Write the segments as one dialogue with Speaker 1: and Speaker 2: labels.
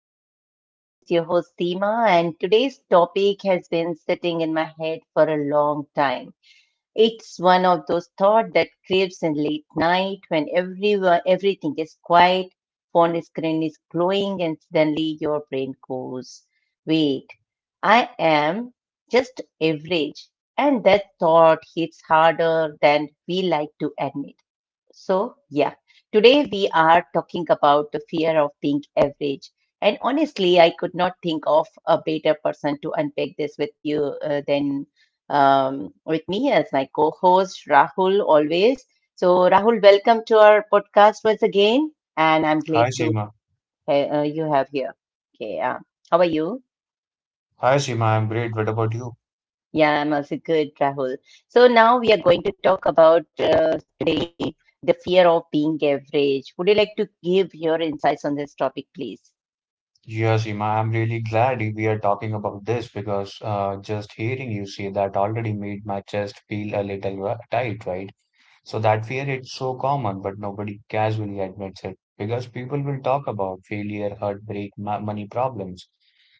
Speaker 1: podcast, and this is your host Seema, and today's topic has been sitting in my head for a long time. It's one of those thoughts that creeps in late night when everyone everything is quiet, phone screen is glowing and suddenly your brain goes, wait, I am just average, and that thought hits harder than we like to admit. So, yeah, today we are talking about the fear of being average. And honestly, I could not think of a better person to unpack this with you than um, with me as my co host, Rahul, always. So, Rahul, welcome to our podcast once again. And I'm glad
Speaker 2: Hi
Speaker 1: to
Speaker 2: Seema.
Speaker 1: you have here. Okay, yeah. How are you?
Speaker 2: Hi Seema, I'm great. What about you?
Speaker 1: Yeah, I'm also good, Rahul. So, now we are going to talk about today the fear of being average. Would you like to give your insights on this topic, please?
Speaker 2: Yeah, Seema, I'm really glad we are talking about this because just hearing you say that already made my chest feel a little tight, right? So that fear is so common, but nobody casually admits it because people will talk about failure, heartbreak, ma money problems,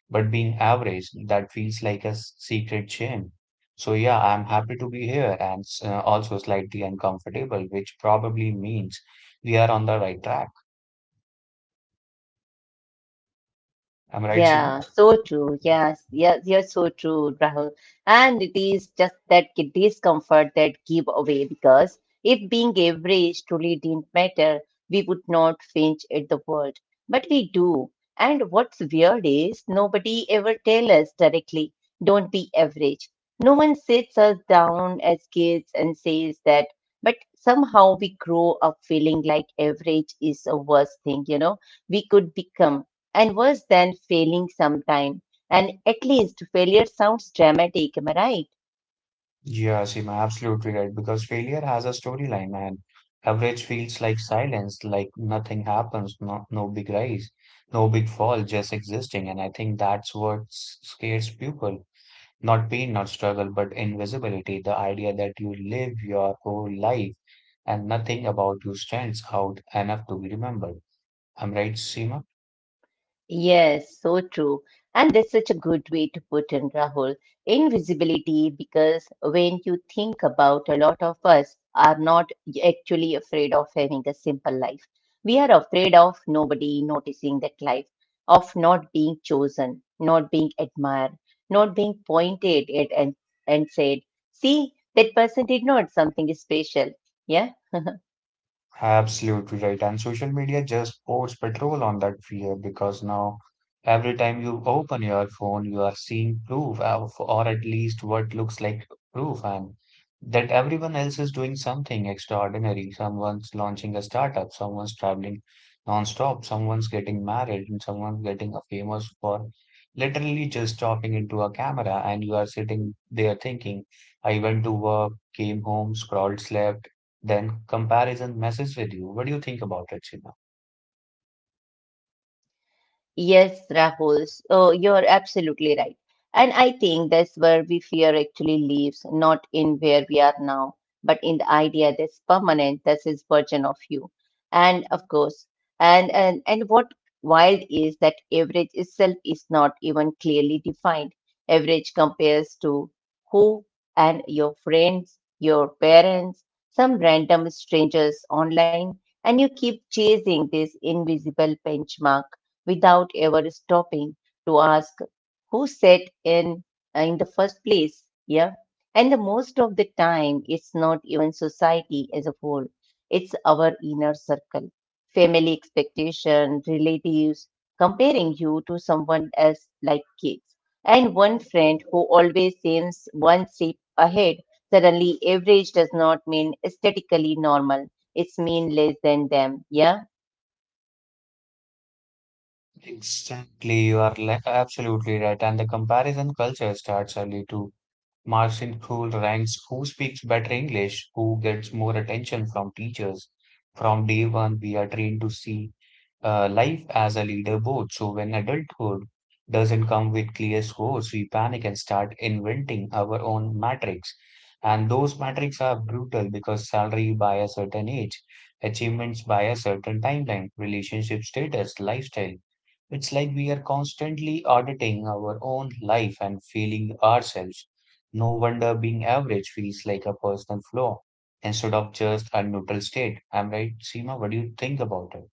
Speaker 2: but being average, that feels like a secret shame. So yeah, I'm happy to be here and also slightly uncomfortable, which probably means we are on the right track. Am I right, Seema?
Speaker 1: Yeah, so true. Yes, yes, you're so true, Rahul. And it is just that discomfort that give away, because if being average truly didn't matter, we would not flinch at the world. But we do. And what's weird is nobody ever tell us directly, don't be average. No one sits us down as kids and says that, but somehow we grow up feeling like average is a worse thing, we could become, and worse than failing sometime, and at least failure sounds dramatic, am I right?
Speaker 2: Yeah, Seema, absolutely right. Because failure has a storyline, and average feels like silence, like nothing happens, no, no big rise, no big fall, just existing. And I think that's what scares people. Not pain, not struggle, but invisibility. The idea that you live your whole life and nothing about you stands out enough to be remembered. Am I right, Seema?
Speaker 1: Yes, so true. And that's such a good way to put in, Rahul. Invisibility, because when you think about, a lot of us are not actually afraid of having a simple life. We are afraid of nobody noticing that life, of not being chosen, not being admired, not being pointed at and said, see, that person did not something special. Yeah.
Speaker 2: Absolutely right. And social media just pours petrol on that fear because now every time you open your phone, you are seeing proof of, or at least what looks like proof, and that everyone else is doing something extraordinary. Someone's launching a startup, someone's traveling nonstop, someone's getting married, and someone's getting a famous for literally just talking into a camera. And you are sitting there thinking, I went to work, came home, scrolled, slept then comparison messes with you. What do you think about it, Sheena?
Speaker 1: Yes, Rahul. So you're absolutely right. And I think that's where we fear actually lives, not in where we are now, but in the idea that's permanent, that's his version of you. And of course, and what wild is that average itself is not even clearly defined. Average compares to who, and your friends, your parents, some random strangers online, and you keep chasing this invisible benchmark without ever stopping to ask who set in the first place. Yeah. And the most of the time, it's not even society as a whole, it's our inner circle, family expectation, relatives comparing you to someone else like kids, and one friend who always seems one step ahead. Suddenly average does not mean aesthetically normal, it's mean less than them. Yeah.
Speaker 2: Exactly. Exactly, you are absolutely right. And the comparison culture starts early too. Marks in school ranks who speaks better English, who gets more attention from teachers. From day one, we are trained to see life as a leaderboard. So when adulthood doesn't come with clear scores, we panic and start inventing our own matrix. And those matrix are brutal because salary by a certain age, achievements by a certain timeline, relationship status, lifestyle. It's like we are constantly auditing our own life and failing ourselves. No wonder being average feels like a personal flaw instead of just a neutral state. I'm right, Seema? What do you think about it?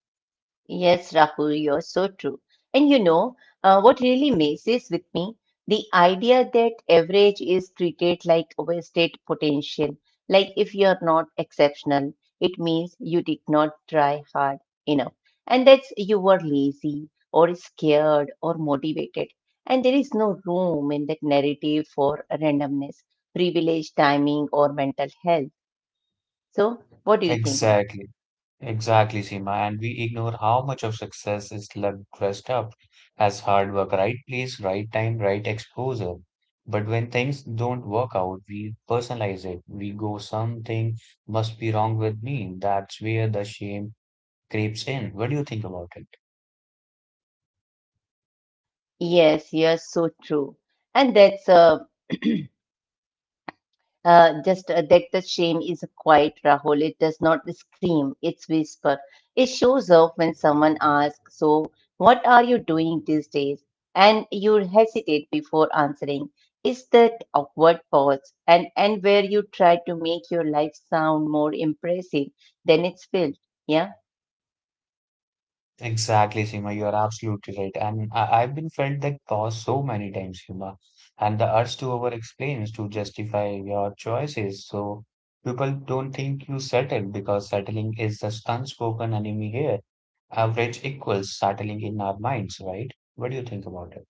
Speaker 1: Yes, Rahul, you're so true. And you know, what really messes with me, the idea that average is treated like wasted potential. Like if you're not exceptional, it means you did not try hard enough. And that's you were lazy or scared or motivated. And there is no room in that narrative for randomness, privilege, timing, or mental health. So, what do you think about?
Speaker 2: Exactly, exactly, Seema. And we ignore how much of success is luck dressed up as hard work, right place, right time, right exposure. But when things don't work out, we personalize it. We go, something must be wrong with me. That's where the shame creeps in. What do you think about it?
Speaker 1: Yes, you're so true. And that's just that the shame is quiet, Rahul. It does not scream, it's whisper. It shows up when someone asks, so, what are you doing these days? And you hesitate before answering. It's that awkward pause, and where you try to make your life sound more impressive than it's felt. Yeah.
Speaker 2: Exactly, Seema. You are absolutely right. And I've been felt that pause so many times, Seema, and the urge to over explain is to justify your choices. So people don't think you settled because settling is this unspoken enemy here. Average equals settling in our minds, right? What do you think about it?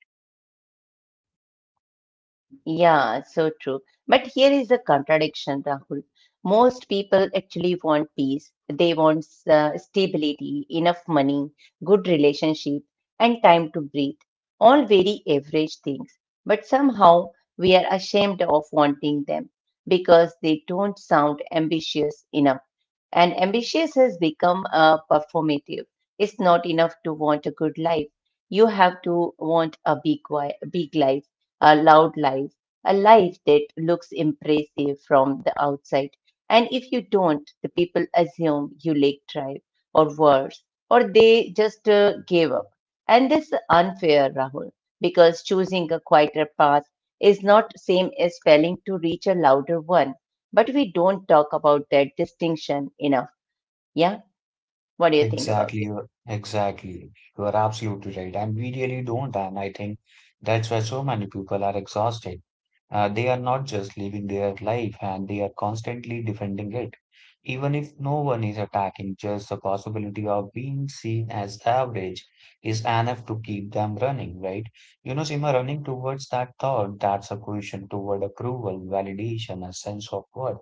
Speaker 1: Yeah, so true. But here is the contradiction, Rahul. Most people actually want peace. They want stability, enough money, good relationship, and time to breathe. All very average things. But somehow we are ashamed of wanting them because they don't sound ambitious enough. And ambitious has become a performative. It's not enough to want a good life. You have to want a big, big life, a loud life, a life that looks impressive from the outside. And if you don't, the people assume you lack drive, or worse, or they just gave up. And that's unfair, Rahul, because choosing a quieter path is not same as failing to reach a louder one. But we don't talk about that distinction enough. Yeah. What do you think about it?
Speaker 2: Exactly. You are absolutely right. And we really don't. And I think that's why so many people are exhausted. They are not just living their life and they are constantly defending it. Even if no one is attacking, just the possibility of being seen as average is enough to keep them running, right? You know, Seema, running towards that thought, that's a position toward approval, validation, a sense of worth.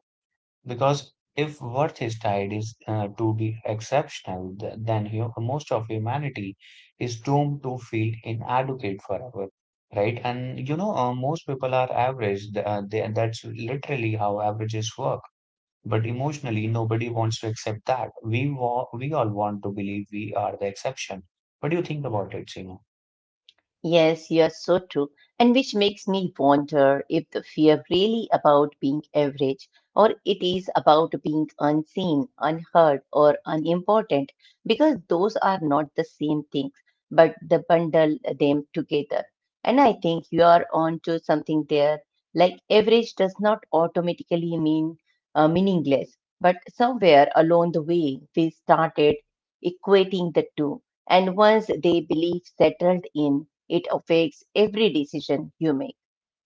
Speaker 2: Because if worth is tied is to be exceptional, then most of humanity is doomed to feel inadequate forever, right? And you know, most people are average. That's literally how averages work. But emotionally, nobody wants to accept that. We all want to believe we are the exception. What do you think about it, Sinu?
Speaker 1: Yes, you're so true. And which makes me wonder if the fear really about being average or it is about being unseen, unheard, or unimportant, because those are not the same things, but the bundle them together. And I think you are onto something there. Like average does not automatically mean meaningless, but somewhere along the way, we started equating the two. And once they believe settled in, it affects every decision you make.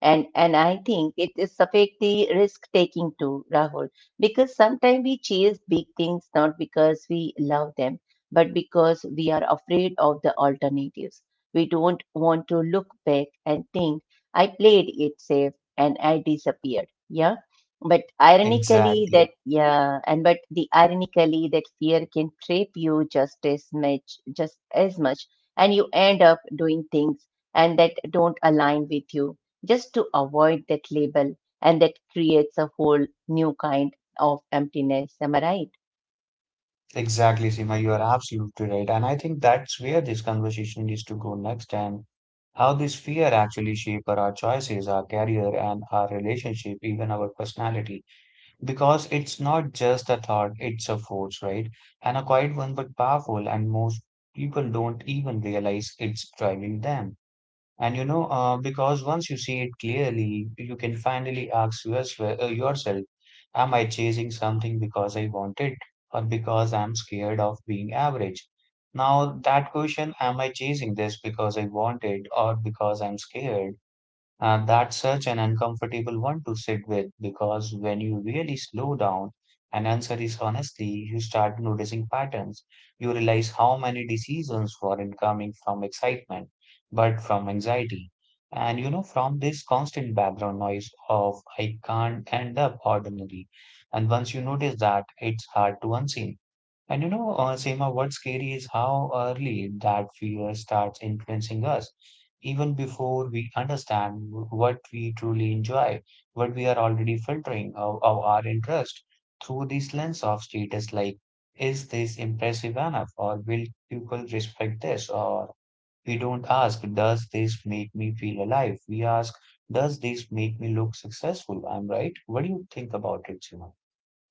Speaker 1: And I think it is perfectly risk taking too, Rahul, because sometimes we chase big things not because we love them, but because we are afraid of the alternatives. We don't want to look back and think I played it safe and I disappeared. Yeah. But ironically
Speaker 2: Exactly.
Speaker 1: that yeah and but the ironically that fear can trap you just as much, just as much. And you end up doing things and that don't align with you, just to avoid that label, and that creates a whole new kind of emptiness. Am I right?
Speaker 2: Exactly, Seema, you are absolutely right. And I think that's where this conversation needs to go next and how this fear actually shape our choices, our career, and our relationship, even our personality. Because it's not just a thought, it's a force, right? And a quiet one, but powerful, and most people don't even realize it's driving them. And you know, because once you see it clearly, you can finally ask yourself, yourself, am I chasing something because I want it or because I'm scared of being average? Now, that question, am I chasing this because I want it or because I'm scared, and that's such an uncomfortable one to sit with because when you really slow down and answer is honestly, you start noticing patterns. You realize how many decisions weren't coming from excitement, but from anxiety. And you know, from this constant background noise of I can't end up ordinary. And once you notice that, it's hard to unseen. And you know, Seema, what's scary is how early that fear starts influencing us, even before we understand what we truly enjoy, what we are already filtering of our interest through this lens of status, like, is this impressive enough, or will people respect this? Or we don't ask, does this make me feel alive? We ask, does this make me look successful? I'm right. What do you think about it, Seema?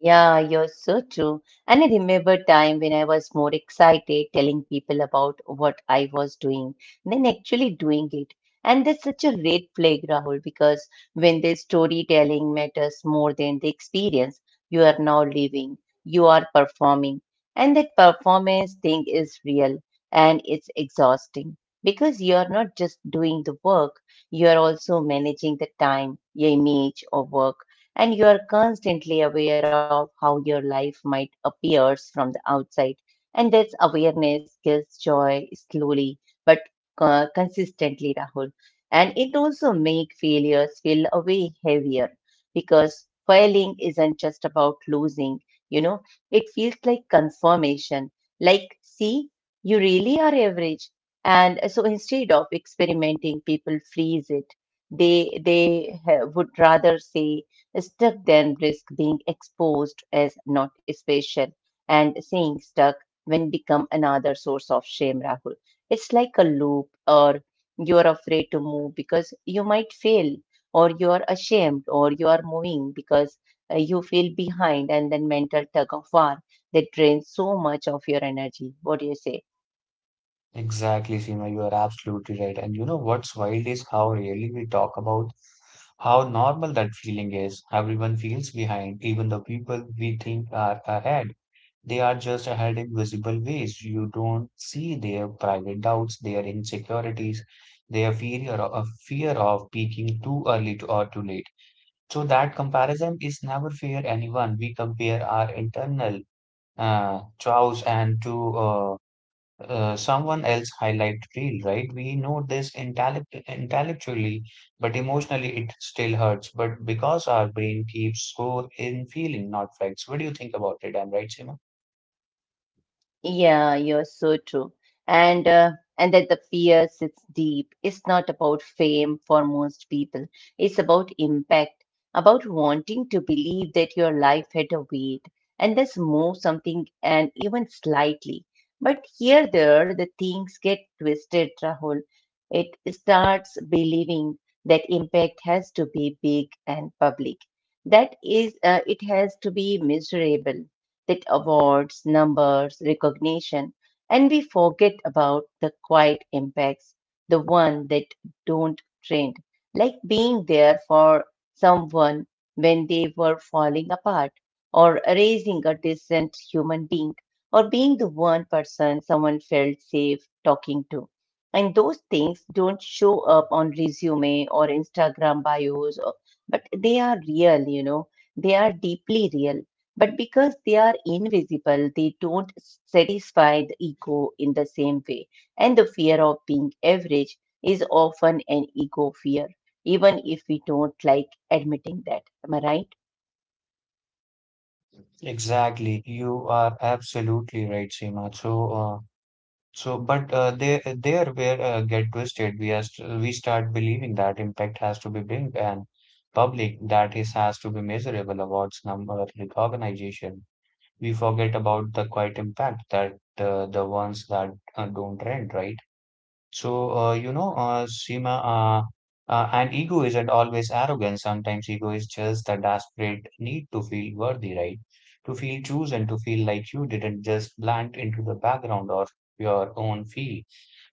Speaker 1: Yeah, you're so true. And I remember time when I was more excited telling people about what I was doing than actually doing it. And that's such a red flag, Rahul, because when the storytelling matters more than the experience you are now living, you are performing. And that performance thing is real and it's exhausting, because you're not just doing the work, you are also managing the time, your image, or work, and you are constantly aware of how your life might appears from the outside, and this awareness gives joy slowly but consistently, Rahul. And it also make failures feel a way heavier, because failing isn't just about losing, you know, it feels like confirmation. Like, see, you really are average. And so, instead of experimenting, people freeze it. They, they would rather say stuck then risk being exposed as not special. And saying stuck when become another source of shame, Rahul. It's like a loop, or you are afraid to move because you might fail, or you are ashamed, or you are moving because you feel behind, and then mental tug of war that drains so much of your energy. What do you say?
Speaker 2: Exactly, Seema, you are absolutely right. And you know what's wild is how rarely we talk about how normal that feeling is. Everyone feels behind, even the people we think are ahead. They are just ahead in visible ways. You don't see their private doubts, their insecurities, their fear of peaking too early to, or too late. So that comparison is never fair anyone. We compare our internal chows and to someone else highlight reel, right? We know this intellectually, but emotionally it still hurts. But because our brain keeps score in feeling, not facts. What do you think about it? I'm right, Seema?
Speaker 1: Yeah, you're so true. And that the fear sits deep. It's not about fame for most people. It's about impact, about wanting to believe that your life had a weight and thus move something and even slightly. But here there the things get twisted, Rahul. It starts believing that impact has to be big and public. That is, it has to be miserable, that awards, numbers, recognition, and we forget about the quiet impacts, the one that don't trend, like being there for someone when they were falling apart, or raising a decent human being, or being the one person someone felt safe talking to. And those things don't show up on resume or Instagram bios, or, but they are real, you know, they are deeply real, but because they are invisible, they don't satisfy the ego in the same way. And the fear of being average is often an ego fear, even if we don't like admitting that. Am I right?
Speaker 2: Exactly. You are absolutely right, Seema. So, so, but There, where get twisted, we are st we start believing that impact has to be big and public, that is has to be measurable awards number recognition we forget about the quiet impact that the ones that don't rent, right? You know, and ego isn't always arrogance. Sometimes ego is just the desperate need to feel worthy, right? To feel chosen, to feel like you didn't just blend into the background or your own field.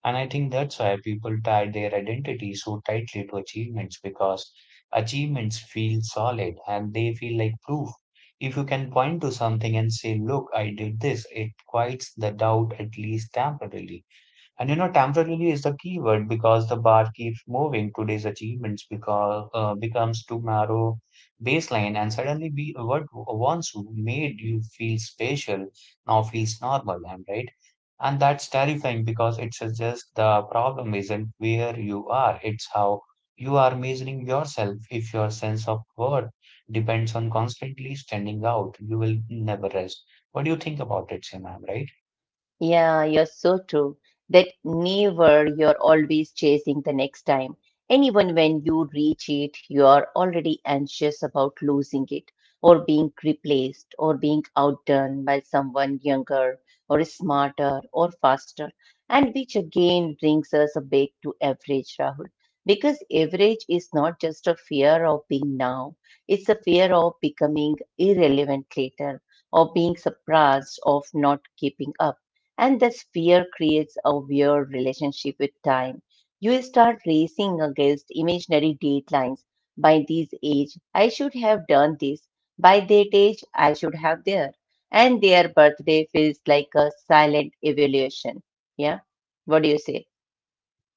Speaker 2: And I think that's why people tie their identity so tightly to achievements because achievements feel solid and they feel like proof. If you can point to something and say, look, I did this, it quiets the doubt at least temporarily. And you know, temporarily is the keyword because the bar keeps moving. Today's achievements because becomes tomorrow baseline, and suddenly we what once made you feel special now feels normal. And right? And that's terrifying because it suggests the problem isn't where you are; it's how you are measuring yourself. If your sense of worth depends on constantly standing out, you will never rest. What do you think about it, Sam? Am right?
Speaker 1: Yeah, you're so true. That never you're always chasing the next time. And even when you reach it, you are already anxious about losing it, or being replaced, or being outdone by someone younger or smarter or faster. And which again brings us back to average, Rahul. Because average is not just a fear of being now, it's a fear of becoming irrelevant later, of being surprised, of not keeping up. And this fear creates a weird relationship with time. You start racing against imaginary deadlines. By this age, I should have done this. By that age, I should have there. And their birthday feels like a silent evaluation. Yeah. What do you say?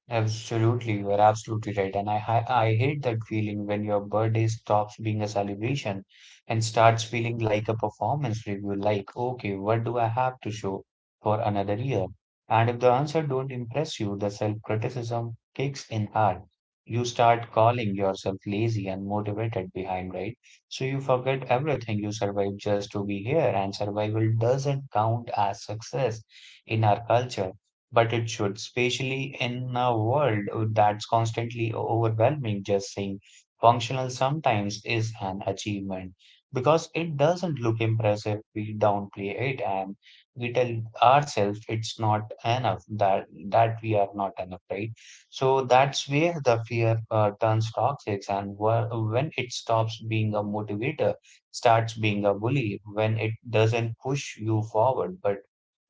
Speaker 2: Absolutely, you are absolutely right. And I hate that feeling when your birthday stops being a celebration and starts feeling like a performance review, like, okay, what do I have to show for another year? And if the answer don't impress you, the self-criticism kicks in hard. You start calling yourself lazy and motivated behind, right? So you forget everything. You survive just to be here, and survival doesn't count as success in our culture but it should, especially in a world that's constantly overwhelming. Just saying functional sometimes is an achievement because it doesn't look impressive. We downplay it and we tell ourselves it's not enough that that we are not enough, right? So that's where the fear turns toxic, and when it stops being a motivator, starts being a bully. When it doesn't push you forward, but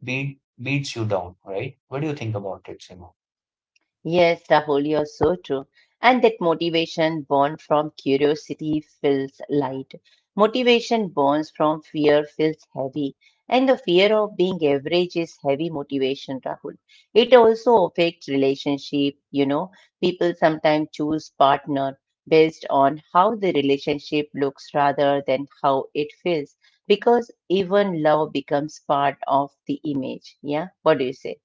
Speaker 2: beats you down, right? What do you think about it, Seema?
Speaker 1: Yes, Rahul, you're so true. And that motivation born from curiosity feels light. Motivation born from fear feels heavy. And the fear of being average is heavy motivation, Rahul. It also affects relationship, you know. People sometimes choose partner based on how the relationship looks rather than how it feels. Because even love becomes part of the image. Yeah. What do you say?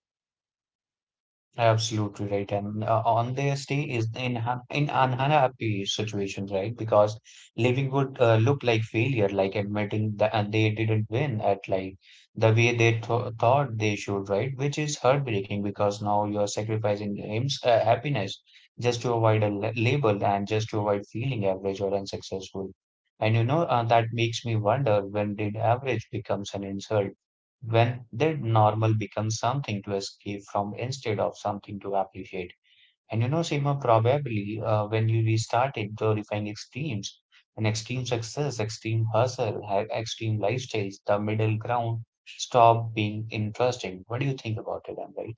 Speaker 2: Absolutely right. And on their stay is in in an unhappy situation, right? Because living would look like failure, like admitting that they didn't win at like the way they th thought they should, right? Which is heartbreaking because now you are sacrificing aims, happiness just to avoid a label and just to avoid feeling average or unsuccessful. And you know that makes me wonder when did average becomes an insult? When their normal becomes something to escape from instead of something to appreciate. And you know, Seema, probably when you restarted glorifying extremes and extreme success, extreme hustle, extreme lifestyles, the middle ground stopped being interesting. What do you think about it, Amber?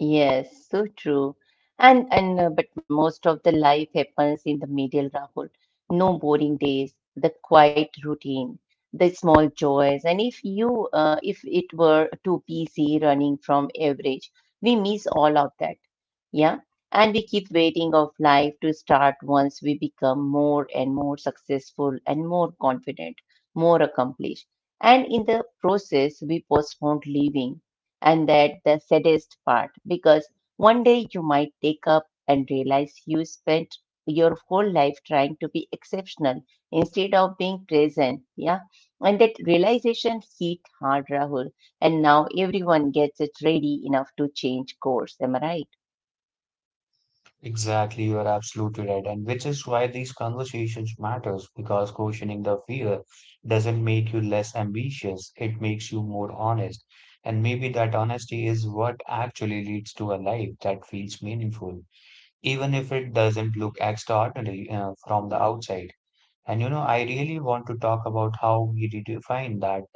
Speaker 1: Yes, so true. And but most of the life happens in the middle, Rahul. No boring days, the quiet routine, the small joys. And if you if it were too busy running from average, we miss all of that. Yeah. And we keep waiting of life to start once we become more and more successful and more confident, more accomplished. And in the process, we postpone living and that the saddest part, because one day you might wake up and realize you spent your whole life trying to be exceptional instead of being present. Yeah. And that realization hit hard, Rahul. And now everyone gets it ready enough to change course. Am I right?
Speaker 2: Exactly, you are absolutely right, and which is why these conversations matters because questioning the fear doesn't make you less ambitious, it makes you more honest. And maybe that honesty is what actually leads to a life that feels meaningful, even if it doesn't look extraordinary from the outside. And I really want to talk about how we redefine that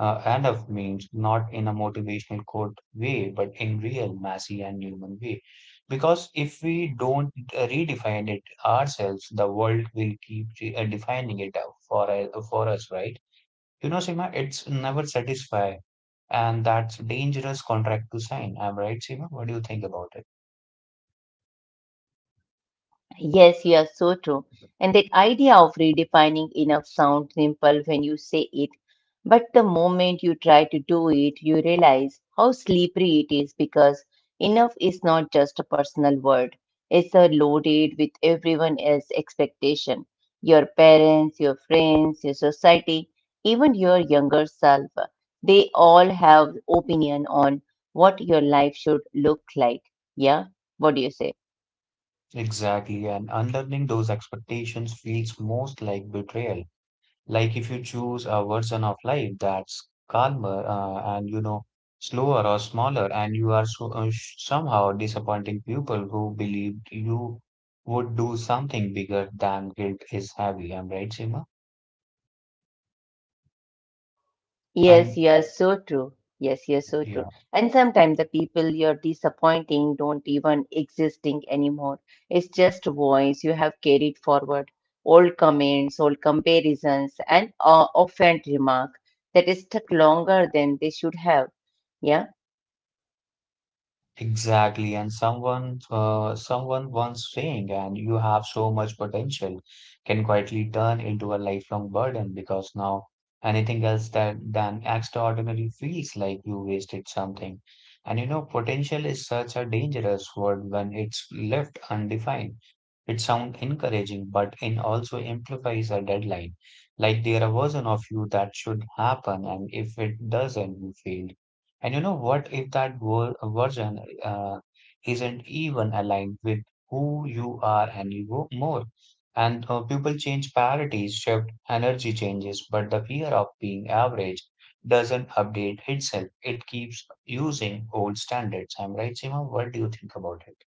Speaker 2: and of means not in a motivational quote way, but in real, messy, and human way. Because if we don't redefine it ourselves, the world will keep defining it out for us, right? You know, Seema, it's never satisfy, and that's dangerous contract to sign. Am I right, Seema? What do you think about it?
Speaker 1: Yes, you are so true. And that idea of redefining enough sounds simple when you say it, but the moment you try to do it, you realize how slippery it is because enough is not just a personal word. It's a loaded with everyone else's expectation. Your parents, your friends, your society, even your younger self, they all have opinion on what your life should look like. Yeah? What do you say?
Speaker 2: Exactly, and unlearning those expectations feels most like betrayal. Like if you choose a version of life that's calmer and you know slower or smaller, and you are so, somehow disappointing people who believed you would do something bigger than guilt is heavy. I'm right, Seema? And
Speaker 1: Yes, you are so true. Yes, you're so true.
Speaker 2: yeah.
Speaker 1: And sometimes the people you're disappointing don't even existing anymore. It's just voice you have carried forward. Old comments, old comparisons, and offhand remark that is stuck longer than they should have. Yeah.
Speaker 2: Exactly, and someone once saying, and you have so much potential, can quietly turn into a lifelong burden because now anything else that than extraordinary feels like you wasted something. And you know, potential is such a dangerous word when it's left undefined. It sounds encouraging, but it also implies a deadline. Like there are version of you that should happen, and if it doesn't, you failed. And you know what? If that version uh, isn't even aligned with who you are anymore. And people change priorities, shift, energy changes, but the fear of being average doesn't update itself. It keeps using old standards. I'm right, Seema? What do you think about it?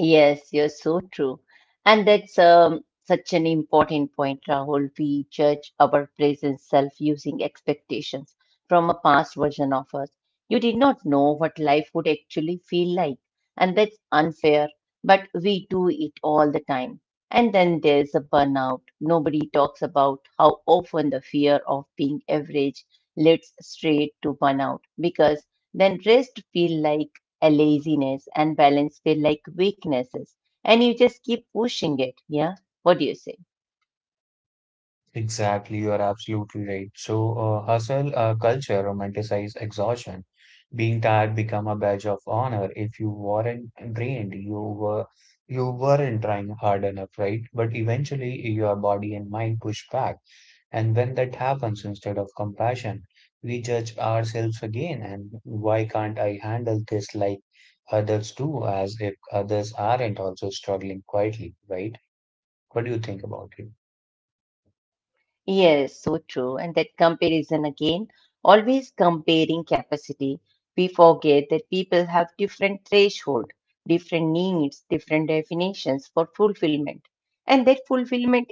Speaker 1: Yes, you're so true. And that's such an important point, Rahul. We judge our present self using expectations from a past version of us. You did not know what life would actually feel like, and that's unfair, but we do it all the time. And then there's a burnout. Nobody talks about how often the fear of being average leads straight to burnout because then rest feel like a laziness and balance feel like weaknesses and you just keep pushing it. Yeah, what do you say?
Speaker 2: Exactly, you are absolutely right. So hustle culture romanticizes exhaustion. Being tired become a badge of honor. If you weren't drained, you weren't trying hard enough, right? But eventually, your body and mind push back. And when that happens, instead of compassion, we judge ourselves again. And why can't I handle this like others do? As if others aren't also struggling quietly, right? What do you think about it?
Speaker 1: Yes, so true. And that comparison again, always comparing capacity, we forget that people have different threshold, different needs, different definitions for fulfillment. And that fulfillment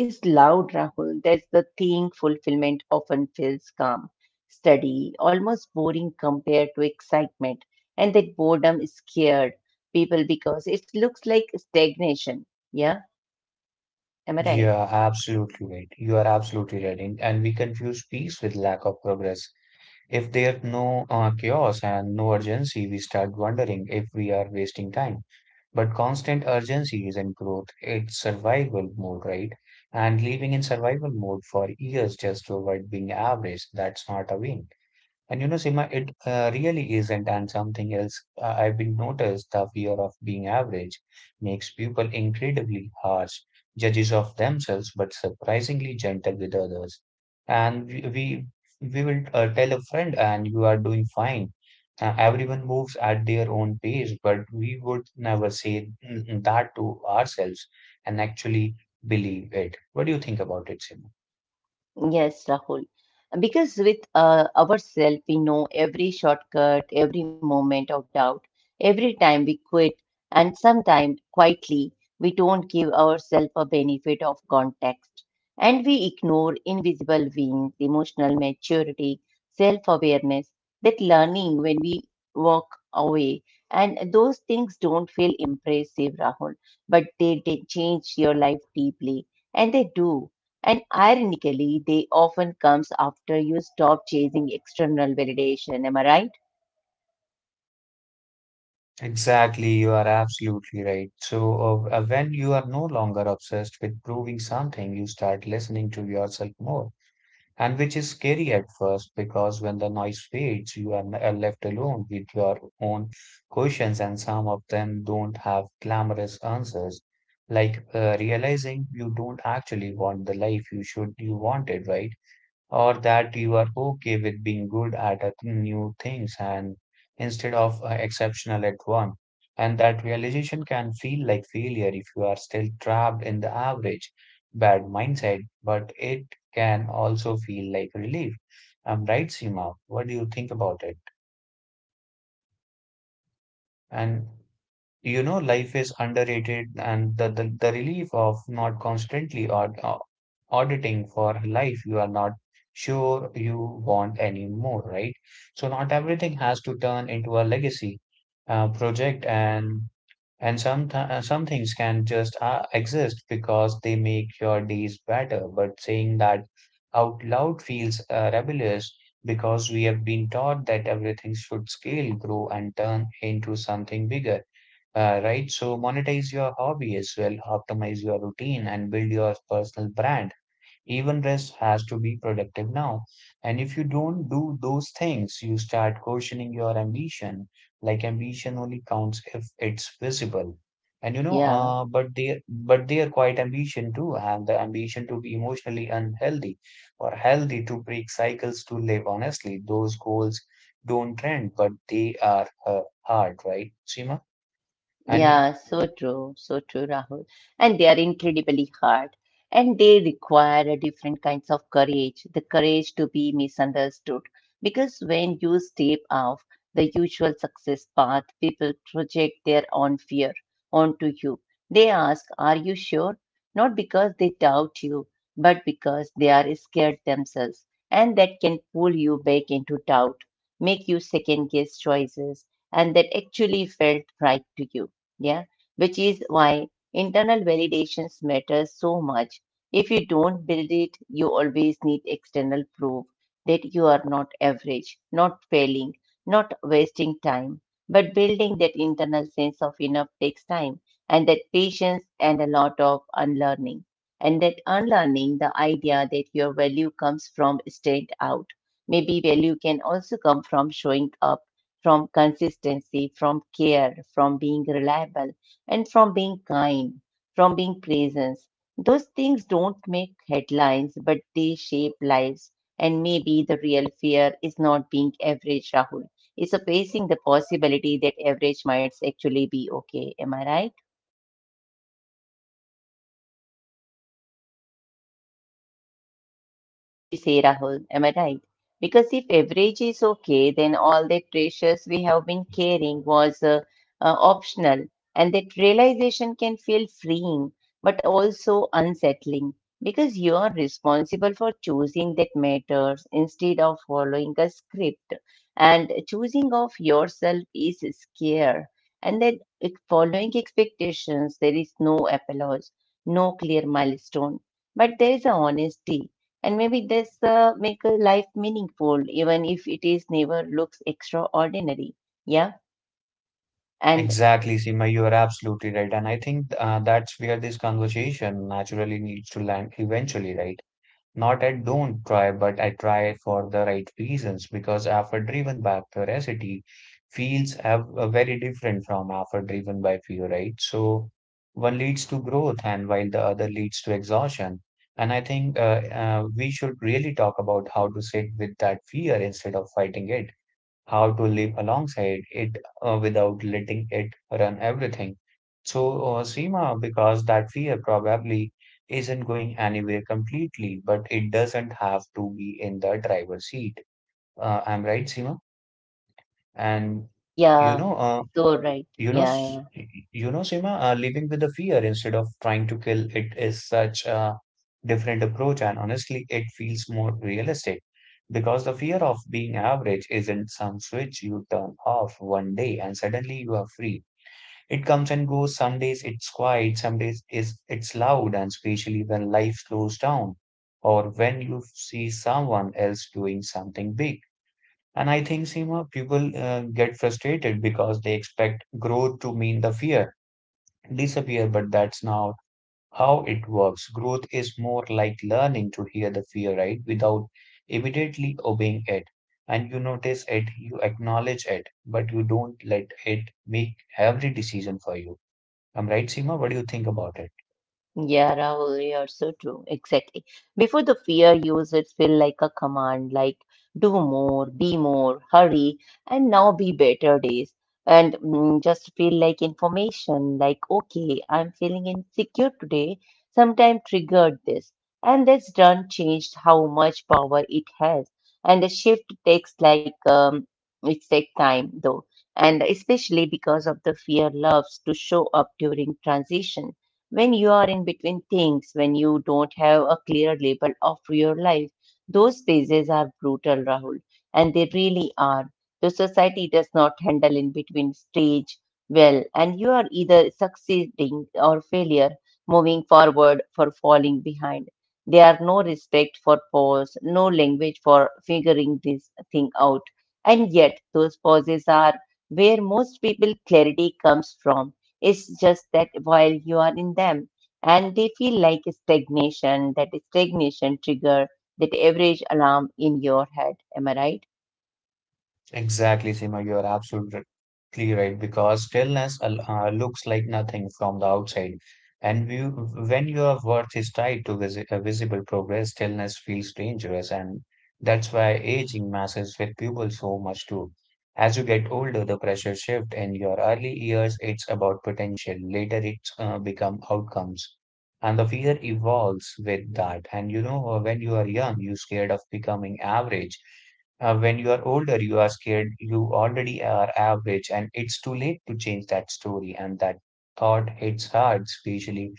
Speaker 1: is loud, Rahul. That's the thing, fulfillment often feels calm, steady, almost boring compared to excitement. And that boredom scared people because it looks like stagnation. Yeah, am I
Speaker 2: You
Speaker 1: right?
Speaker 2: are absolutely right. You are absolutely right. And we confuse peace with lack of progress. If there's no chaos and no urgency, we start wondering if we are wasting time. But constant urgency isn't growth, it's survival mode, right? And living in survival mode for years just to avoid being average, that's not a win. And you know, Sima, it really isn't. And something else I've been noticed the fear of being average makes people incredibly harsh, judges of themselves, but surprisingly gentle with others. And we will tell a friend, and you are doing fine. Everyone moves at their own pace, but we would never say that to ourselves and actually believe it. What do you think about it, Sima?
Speaker 1: Yes, Rahul. Because with ourselves, we know every shortcut, every moment of doubt, every time we quit, and sometimes quietly, we don't give ourselves a benefit of context. And we ignore invisible wins, emotional maturity, self awareness, that learning when we walk away. And those things don't feel impressive, Rahul, but they change your life deeply. And they do. And ironically, they often comes after you stop chasing external validation. Am I right?
Speaker 2: Exactly, you are absolutely right. So when you are no longer obsessed with proving something, you start listening to yourself more, and which is scary at first because when the noise fades, you are left alone with your own questions, and some of them don't have glamorous answers, like realizing you don't actually want the life you wanted, right? Or that you are okay with being good at a new things and instead of exceptional at one, and that realization can feel like failure if you are still trapped in the average bad mindset, but it can also feel like relief. I'm right, Seema? What do you think about it? And you know, life is underrated and the relief of not constantly auditing for a life you are not sure you want anymore, right? So not everything has to turn into a legacy project, and some some things can just exist because they make your days better, but saying that out loud feels rebellious because we have been taught that everything should scale grow and turn into something bigger, right? So monetize your hobby as well, optimize your routine, and build your personal brand. Even rest has to be productive now. And if you don't do those things, you start questioning your ambition. Like ambition only counts if it's visible. And you know,
Speaker 1: Yeah.
Speaker 2: but they are quite ambition too, and the ambition to be emotionally unhealthy or healthy to break cycles to live honestly. Those goals don't trend, but they are hard, right, Seema? And
Speaker 1: Yeah, so true, Rahul. And they are incredibly hard and they require a different kinds of courage, the courage to be misunderstood. Because when you step off the usual success path, people project their own fear onto you. They ask, "Are you sure?" Not because they doubt you, but because they are scared themselves. And that can pull you back into doubt, make you second guess choices, and that actually felt right to you. Yeah. Which is why internal validations matter so much. If you don't build it, you always need external proof that you are not average, not failing, not wasting time. But building that internal sense of enough takes time and that patience and a lot of unlearning. And that unlearning the idea that your value comes from straight out, maybe value can also come from showing up, from consistency, from care, from being reliable, and from being kind, from being presence. Those things don't make headlines, but they shape lives. And maybe the real fear is not being average, Rahul. It's facing the possibility that average might actually be okay. Am I right? Do you say, Rahul? Am I right? Because if average is okay, then all that pressures we have been carrying was optional, and that realization can feel freeing but also unsettling because you are responsible for choosing that matters instead of following a script, and choosing of yourself is scare, and then it, following expectations there is no applause, no clear milestone, but there is a honesty and maybe this make a life meaningful even if it is never looks extraordinary. Yeah. And
Speaker 2: exactly, Seema, you are absolutely right. And I think that's where this conversation naturally needs to land eventually, right? Not I don't try, but I try for the right reasons because effort driven by curiosity feels have, very different from effort driven by fear, right? So one leads to growth and while the other leads to exhaustion. And I think we should really talk about how to sit with that fear instead of fighting it, how to live alongside it without letting it run everything. So, Seema, because that fear probably isn't going anywhere completely, but it doesn't have to be in the driver's seat. I'm right, Seema? And you
Speaker 1: yeah,
Speaker 2: know,
Speaker 1: so right.
Speaker 2: you know,
Speaker 1: Yeah, yeah.
Speaker 2: s- you know, Seema, living with the fear instead of trying to kill it is such a different approach, and honestly, it feels more realistic because the fear of being average isn't some switch you turn off one day and suddenly you are free. It comes and goes. Some days it's quiet, some days is it's loud, and especially when life slows down or when you see someone else doing something big. And I think, Seema, people get frustrated because they expect growth to mean the fear disappear, but that's now how it works. Growth is more like learning to hear the fear, right? Without immediately obeying it. And you notice it, you acknowledge it, but you don't let it make every decision for you. I'm right, Seema? What do you think about it?
Speaker 1: Yeah, Rahul, you're so true. Exactly. Before the fear used it feel like a command, like do more, be more, hurry, and now be better days. And just feel like information, like, okay, I'm feeling insecure today, sometime triggered this. And that's done changed how much power it has. And the shift takes like, it takes time though. And especially because of the fear loves to show up during transition when you are in between things, when you don't have a clear label of your life, those phases are brutal, Rahul, and they really are. The society does not handle in between stage well, and you are either succeeding or failure, moving forward for falling behind. There are no respect for pause, no language for figuring this thing out. And yet, those pauses are where most people clarity comes from. It's just that while you are in them, and they feel like a stagnation, that stagnation trigger that average alarm in your head. Am I right?
Speaker 2: Exactly, Seema, you are absolutely right because stillness looks like nothing from the outside. And we, when your worth is tied to visible progress, stillness feels dangerous. And that's why aging messes with people so much too. As you get older, the pressure shift. In your early years, it's about potential. Later, it's become outcomes. And the fear evolves with that. And you know, when you are young, you're scared of becoming average, when you are older, you are scared, you already are average, and it's too late to change that story. And that thought hits hard, especially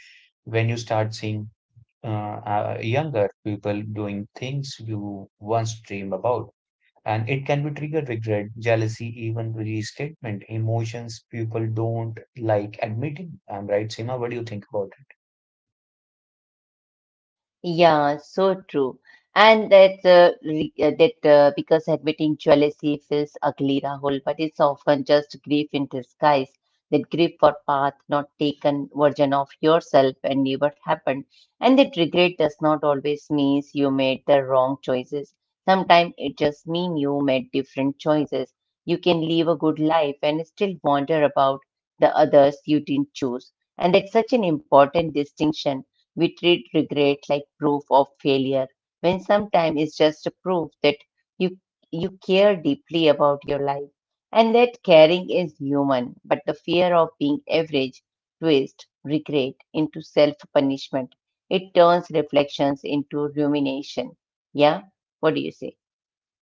Speaker 2: when you start seeing younger people doing things you once dreamed about. And it can be trigger regret, jealousy, even resentment, emotions people don't like admitting. I'm right, Seema? What do you think about it?
Speaker 1: Yeah, so true. And that re- that because admitting jealousy feels ugly, Rahul, but it's often just grief in disguise. That grief for path not taken version of yourself and never happened. And that regret does not always means you made the wrong choices. Sometimes it just mean you made different choices. You can live a good life and still wonder about the others you didn't choose. And that's such an important distinction. We treat regret like proof of failure, when sometimes it's just a proof that you you care deeply about your life and that caring is human. But the fear of being average twists regret into self-punishment. It turns reflections into rumination. Yeah, what do you say?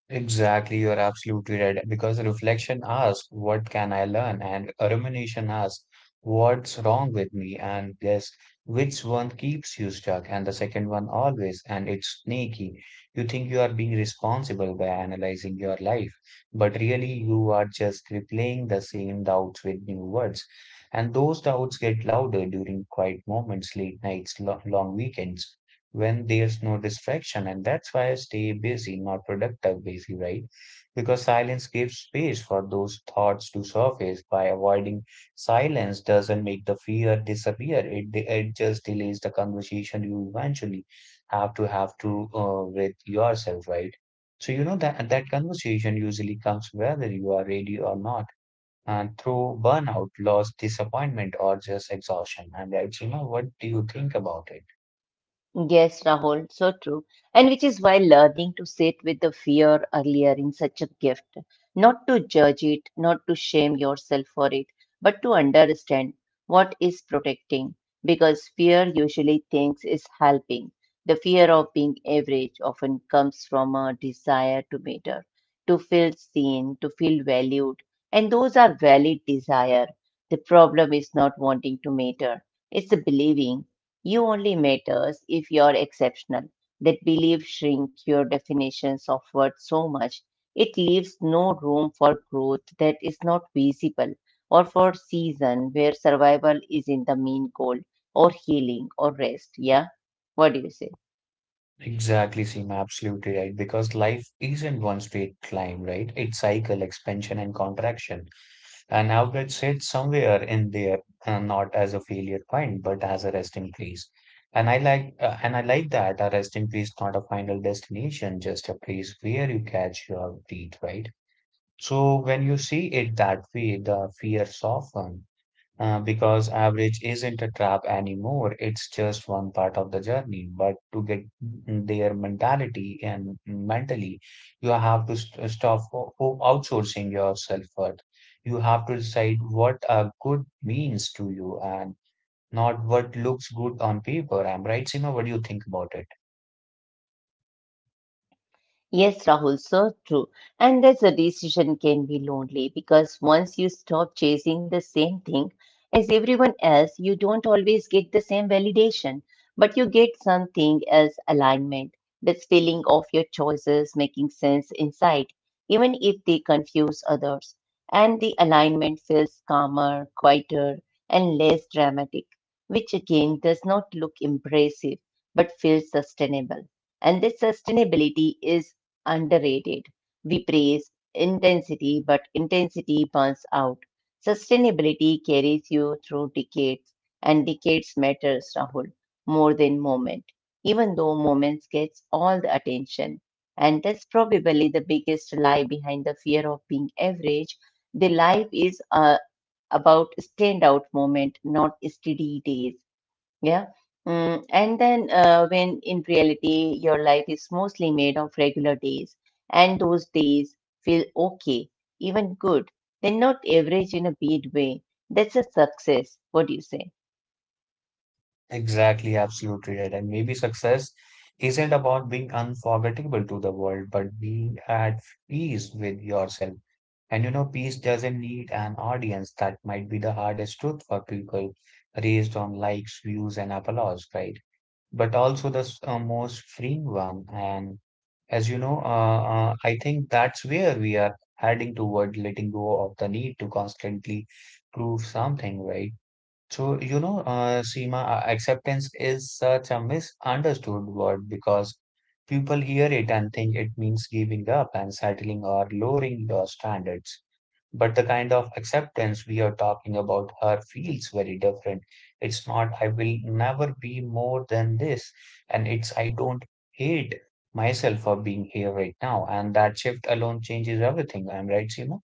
Speaker 2: Exactly, you are absolutely right. Because reflection asks, what can I learn? And rumination asks, what's wrong with me? And yes, which one keeps you stuck? And the second one always. And it's sneaky. You think you are being responsible by analyzing your life, but really you are just replaying the same doubts with new words. And those doubts get louder during quiet moments, late nights, lo long weekends when there's no distraction. And that's why I stay busy, not productive busy, right? Because silence gives space for those thoughts to surface. By avoiding silence doesn't make the fear disappear. It just delays the conversation you eventually have to with yourself, right? So you know that conversation usually comes whether you are ready or not, and through burnout, loss, disappointment, or just exhaustion. And I, Seema, what do you think about it?
Speaker 1: Yes, Rahul, so true. And which is why learning to sit with the fear earlier in such a gift, not to judge it, not to shame yourself for it, but to understand what is protecting. Because fear usually thinks is helping. The fear of being average often comes from a desire to matter, to feel seen, to feel valued. And those are valid desire. The problem is not wanting to matter. It's the believing. You only matters if you're exceptional. That belief shrink your definitions of worth so much it leaves no room for growth that is not visible or for season where survival is in the mean goal or healing or rest. Yeah. What do you say?
Speaker 2: Exactly, Seem, absolutely right. Because life isn't one straight climb, right? It's cycle, expansion, and contraction. And outlet said somewhere in there, not as a failure point, but as a resting place. And and I like that a resting place, not a final destination, just a place where you catch your breath, right? So when you see it that way, the fear softens because average isn't a trap anymore. It's just one part of the journey. But to get their mentality and mentally, you have to st stop outsourcing your self-worth. You have to decide what a good means to you and not what looks good on paper. I'm right, Seema? What do you think about it?
Speaker 1: Yes, Rahul, so true. And that's a decision can be lonely because once you stop chasing the same thing as everyone else, you don't always get the same validation, but you get something as alignment, this feeling of your choices making sense inside, even if they confuse others. And the alignment feels calmer, quieter, and less dramatic, which again does not look impressive but feels sustainable. And this sustainability is underrated. We praise intensity, but intensity burns out. Sustainability carries you through decades, and decades matters, Rahul, more than moment. Even though moments gets all the attention, and that's probably the biggest lie behind the fear of being average. The life is about standout moment, not steady days. Yeah. When in reality, your life is mostly made of regular days, and those days feel okay, even good. They're not average in a bad way. That's a success. What do you say?
Speaker 2: Exactly, absolutely right. And maybe success isn't about being unforgettable to the world, but being at peace with yourself. And you know, peace doesn't need an audience. That might be the hardest truth for people raised on likes, views, and applause, right? But also the most freeing one. And as you know, I think that's where we are heading toward letting go of the need to constantly prove something, right? So, Seema, acceptance is such a misunderstood word because people hear it and think it means giving up and settling or lowering your standards. But the kind of acceptance we are talking about her feels very different. It's not, I will never be more than this. And it's, I don't hate myself for being here right now. And that shift alone changes everything. I'm right, Seema?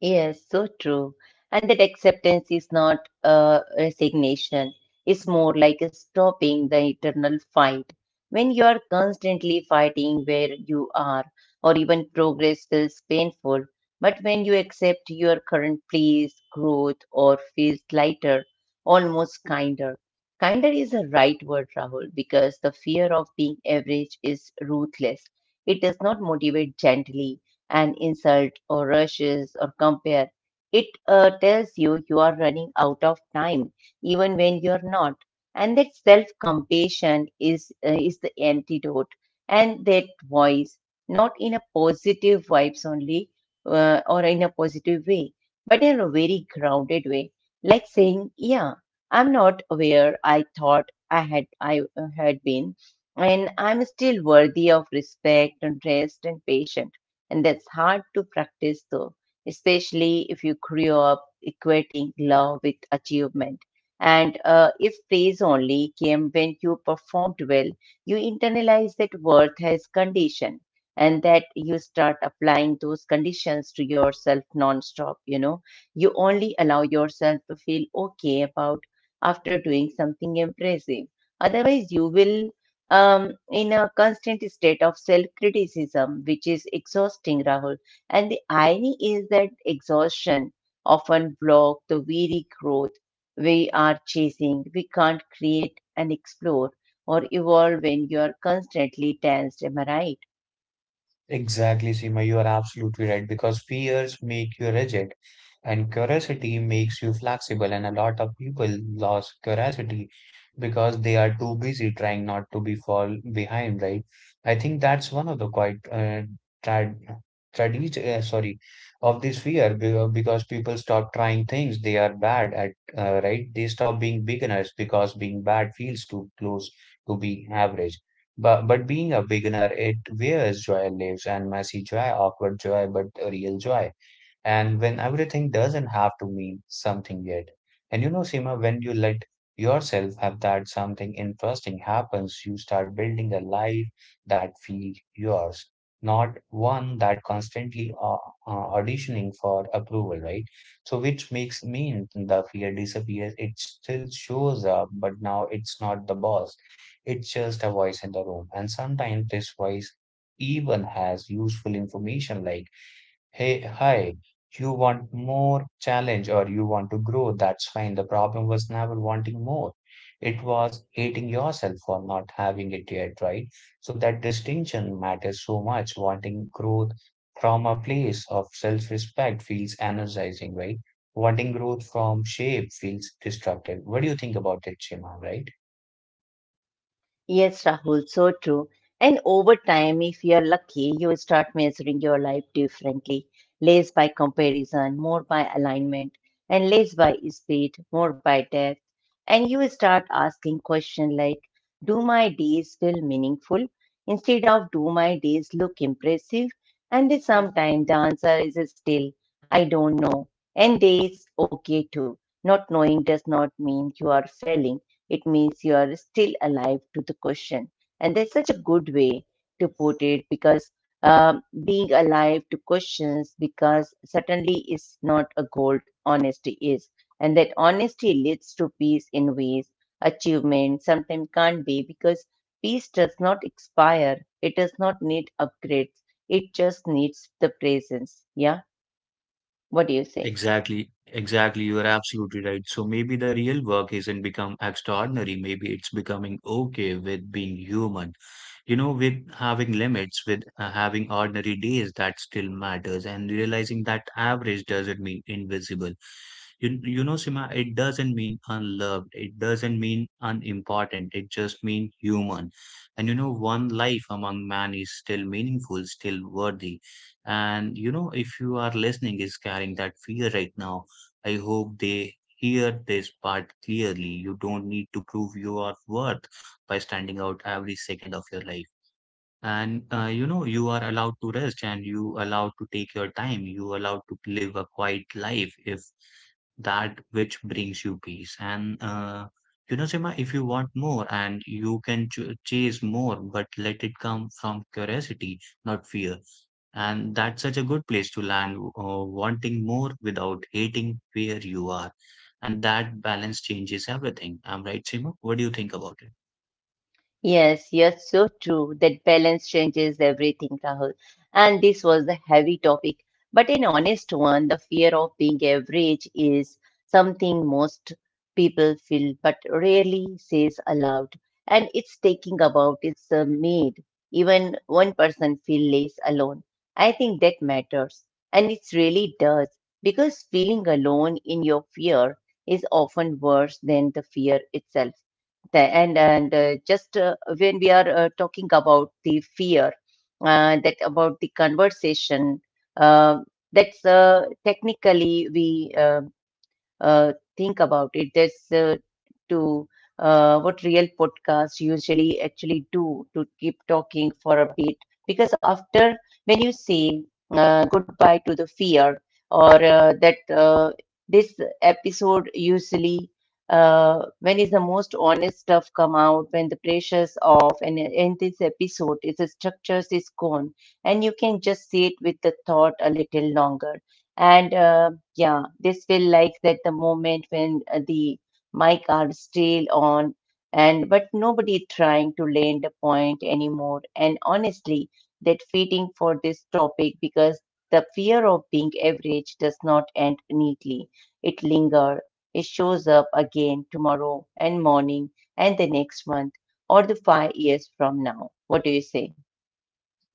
Speaker 1: Yes, so true. And that acceptance is not a resignation. It's more like stopping the eternal fight. When you are constantly fighting where you are, or even progress feels painful, but when you accept your current place, growth, or feels lighter, almost kinder. Kinder is a right word, Rahul, because the fear of being average is ruthless. It does not motivate gently an insult or rushes or compare. It tells you you are running out of time, even when you're not. And that self compassion is the antidote. And that voice, not in a positive vibes only or in a positive way, but in a very grounded way, like saying, "Yeah, I'm not where I thought I had, I had been and I'm still worthy of respect and rest and patience." And that's hard to practice though, especially if you grew up equating love with achievement. And if praise only came when you performed well, you internalize that worth as condition and that you start applying those conditions to yourself nonstop. You know, you only allow yourself to feel okay about after doing something impressive. Otherwise, you will in a constant state of self criticism, which is exhausting, Rahul. And the irony is that exhaustion often blocks the very growth we are chasing. We can't create and explore or evolve when you are constantly tensed. Am I right?
Speaker 2: Exactly, Seema, you are absolutely right because fears make you rigid and curiosity makes you flexible. And a lot of people lose curiosity because they are too busy trying not to be fall behind, right? I think that's one of the quite trad tragedy, sorry, of this fear, because people stop trying things they are bad at, right? They stop being beginners because being bad feels too close to be average. But being a beginner, it wears joy lives and messy joy, awkward joy, but a real joy and when everything doesn't have to mean something yet. And you know, Seema, when you let yourself have that something interesting happens, you start building a life that feels yours, not one that constantly auditioning for approval, right? So, which makes mean the fear disappears. It still shows up, but now it's not the boss. It's just a voice in the room. And sometimes this voice even has useful information like, hey, hi, you want more challenge or you want to grow, that's fine. The problem was never wanting more. It was hating yourself for not having it yet, right? So that distinction matters so much. Wanting growth from a place of self-respect feels energizing, right? Wanting growth from shape feels destructive. What do you think about it, Shima, right?
Speaker 1: Yes, Rahul, so true. And over time, if you're lucky, you start measuring your life differently. Less by comparison, more by alignment, and less by speed, more by depth. And you start asking questions like, do my days feel meaningful? Instead of, do my days look impressive? And then sometimes the answer is still, I don't know. And that's okay too. Not knowing does not mean you are failing. It means you are still alive to the question. And that's such a good way to put it because being alive to questions because certainly is not a goal, honesty is. And that honesty leads to peace in ways achievement sometimes can't be because peace does not expire, it does not need upgrades, it just needs the presence. Yeah, what do you say?
Speaker 2: Exactly, exactly. You are absolutely right. So maybe the real work isn't become extraordinary. Maybe it's becoming okay with being human. You know, with having limits, with having ordinary days that still matters, and realizing that average doesn't mean invisible. You know, Sima, it doesn't mean unloved. It doesn't mean unimportant. It just means human. And you know, one life among man is still meaningful, still worthy. And you know, if you are listening, is carrying that fear right now, I hope they hear this part clearly. You don't need to prove you are worth by standing out every second of your life. And you know, you are allowed to rest and you allowed to take your time. You allowed to live a quiet life if that which brings you peace. And you know, Sima, if you want more and you can ch chase more, but let it come from curiosity, not fear. And that's such a good place to land, wanting more without hating where you are. And that balance changes everything. I'm right, Seema? What do you think about it?
Speaker 1: Yes, you're so true. That balance changes everything, Rahul. And this was the heavy topic, but an honest one. The fear of being average is something most people feel but rarely says aloud. And it's taking about it's made even one person feel less alone. I think that matters. And it really does because feeling alone in your fear is often worse than the fear itself the- and just when we are talking about the fear that about the conversation uh, that's technically we think about it. That's to what real podcasts usually actually do to keep talking for a bit. Because after when you say goodbye to the fear or that this episode usually when is the most honest stuff come out when the pressure's off and in this episode is the structures is gone and you can just sit with the thought a little longer and yeah, this will like that the moment when the mic are still on and but nobody trying to land a point anymore. And honestly, that fitting for this topic because the fear of being average does not end neatly. It linger. It shows up again tomorrow and morning and the next month or the 5 years from now. What do you say?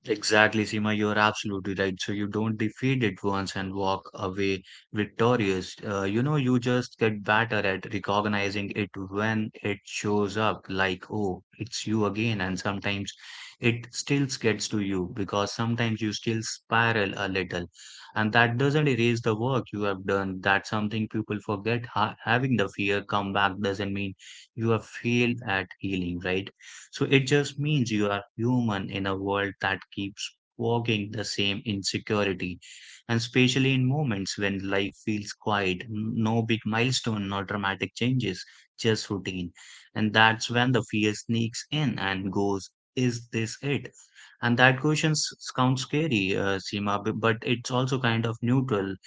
Speaker 2: Exactly, Seema, you are absolutely right. So you don't defeat it once and walk away victorious. You know, you just get better at recognizing it when it shows up, like, oh, it's you again. And sometimes it still gets to you because sometimes you still spiral a little. And that doesn't erase the work you have done. That's something people forget. Ha having the fear come back doesn't mean you have failed at healing, right? So it just means you are human in a world that keeps walking the same insecurity. And especially in moments when life feels quiet, no big milestone, no dramatic changes, just routine. And that's when the fear sneaks in and goes, is this it? And that question sounds scary, Seema, but it's also kind of neutral.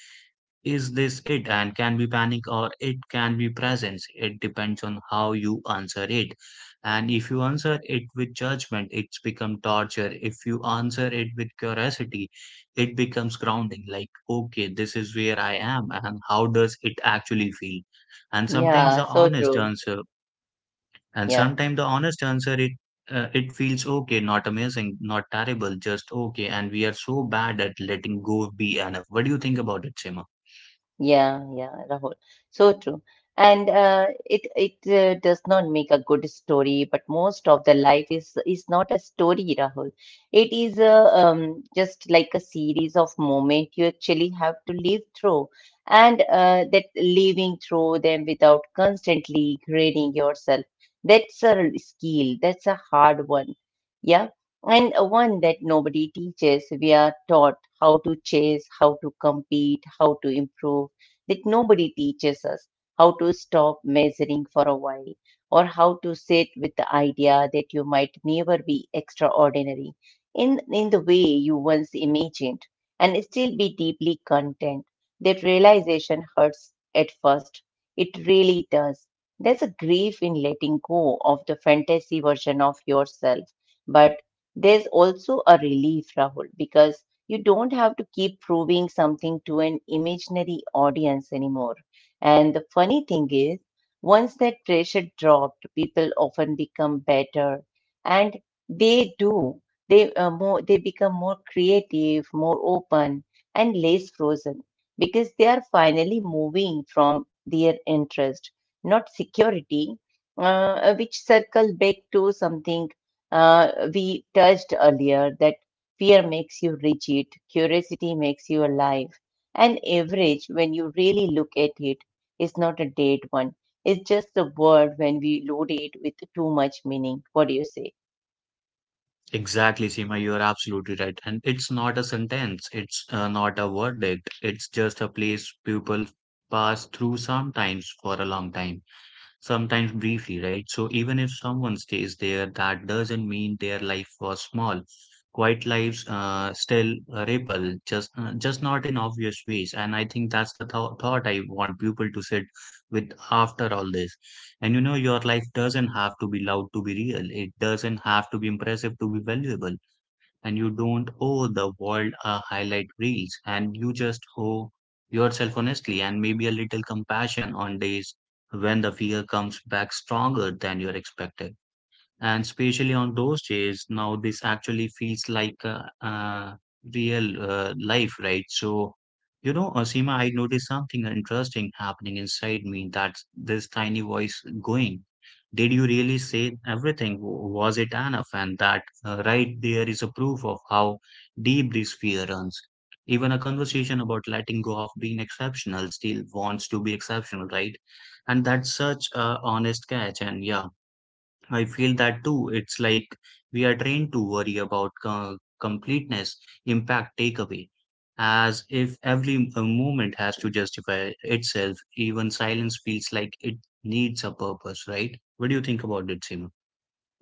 Speaker 2: Is this it? And can be panic, or it can be presence. It depends on how you answer it. And if you answer it with judgment, it's become torture. If you answer it with curiosity, it becomes grounding, like, okay, this is where I am and how does it actually feel? And
Speaker 1: Yeah,
Speaker 2: sometimes the
Speaker 1: so
Speaker 2: honest
Speaker 1: true.
Speaker 2: answer and
Speaker 1: Yeah.
Speaker 2: sometimes the honest answer it it feels okay, not amazing, not terrible, just okay, and we are so bad at letting go be enough. What do you think about it, Seema?
Speaker 1: Yeah, Rahul. So true. And it does not make a good story, but most of the life is not a story, Rahul. It is a just like a series of moments you actually have to live through, and that living through them without constantly grading yourself. That's a skill. That's a hard one. Yeah, and one that nobody teaches. We are taught how to chase, how to compete, how to improve that nobody teaches us, how to stop measuring for a while, or how to sit with the idea that you might never be extraordinary in the way you once imagined and still be deeply content. That realization hurts at first. It really does. There's a grief in letting go of the fantasy version of yourself, but there's also a relief, Rahul, because you don't have to keep proving something to an imaginary audience anymore. And the funny thing is, once that pressure dropped, people often become better, and they do. They become more creative, more open, and less frozen because they are finally moving from their interest, not security, which circle back to something we touched earlier that fear makes you rigid, curiosity makes you alive, and average, when you really look at it, is not a dead one. It's just the word when we load it with too much meaning. What do you say?
Speaker 2: Exactly, Seema, you are absolutely right. And it's not a sentence, it's not a verdict, it's just a place people pass through, sometimes for a long time, sometimes briefly, right? So even if someone stays there, that doesn't mean their life was small. Quiet lives still ripple, just not in obvious ways. And I think that's the th thought I want people to sit with after all this. And you know, your life doesn't have to be loud to be real. It doesn't have to be impressive to be valuable, and you don't owe the world a highlight reels, and you just owe yourself honestly, and maybe a little compassion on days when the fear comes back stronger than you're expected, and especially on those days. Now this actually feels like real life, right? So, you know, Asima, I noticed something interesting happening inside me, that this tiny voice going, did you really say everything? Was it enough? And that right there is a proof of how deep this fear runs. Even a conversation about letting go of being exceptional still wants to be exceptional, right? And that's such a honest catch. And yeah, I feel that too. It's like we are trained to worry about completeness, impact, takeaway, as if every moment has to justify itself. Even silence feels like it needs a purpose, right? What do you think about it, Seema?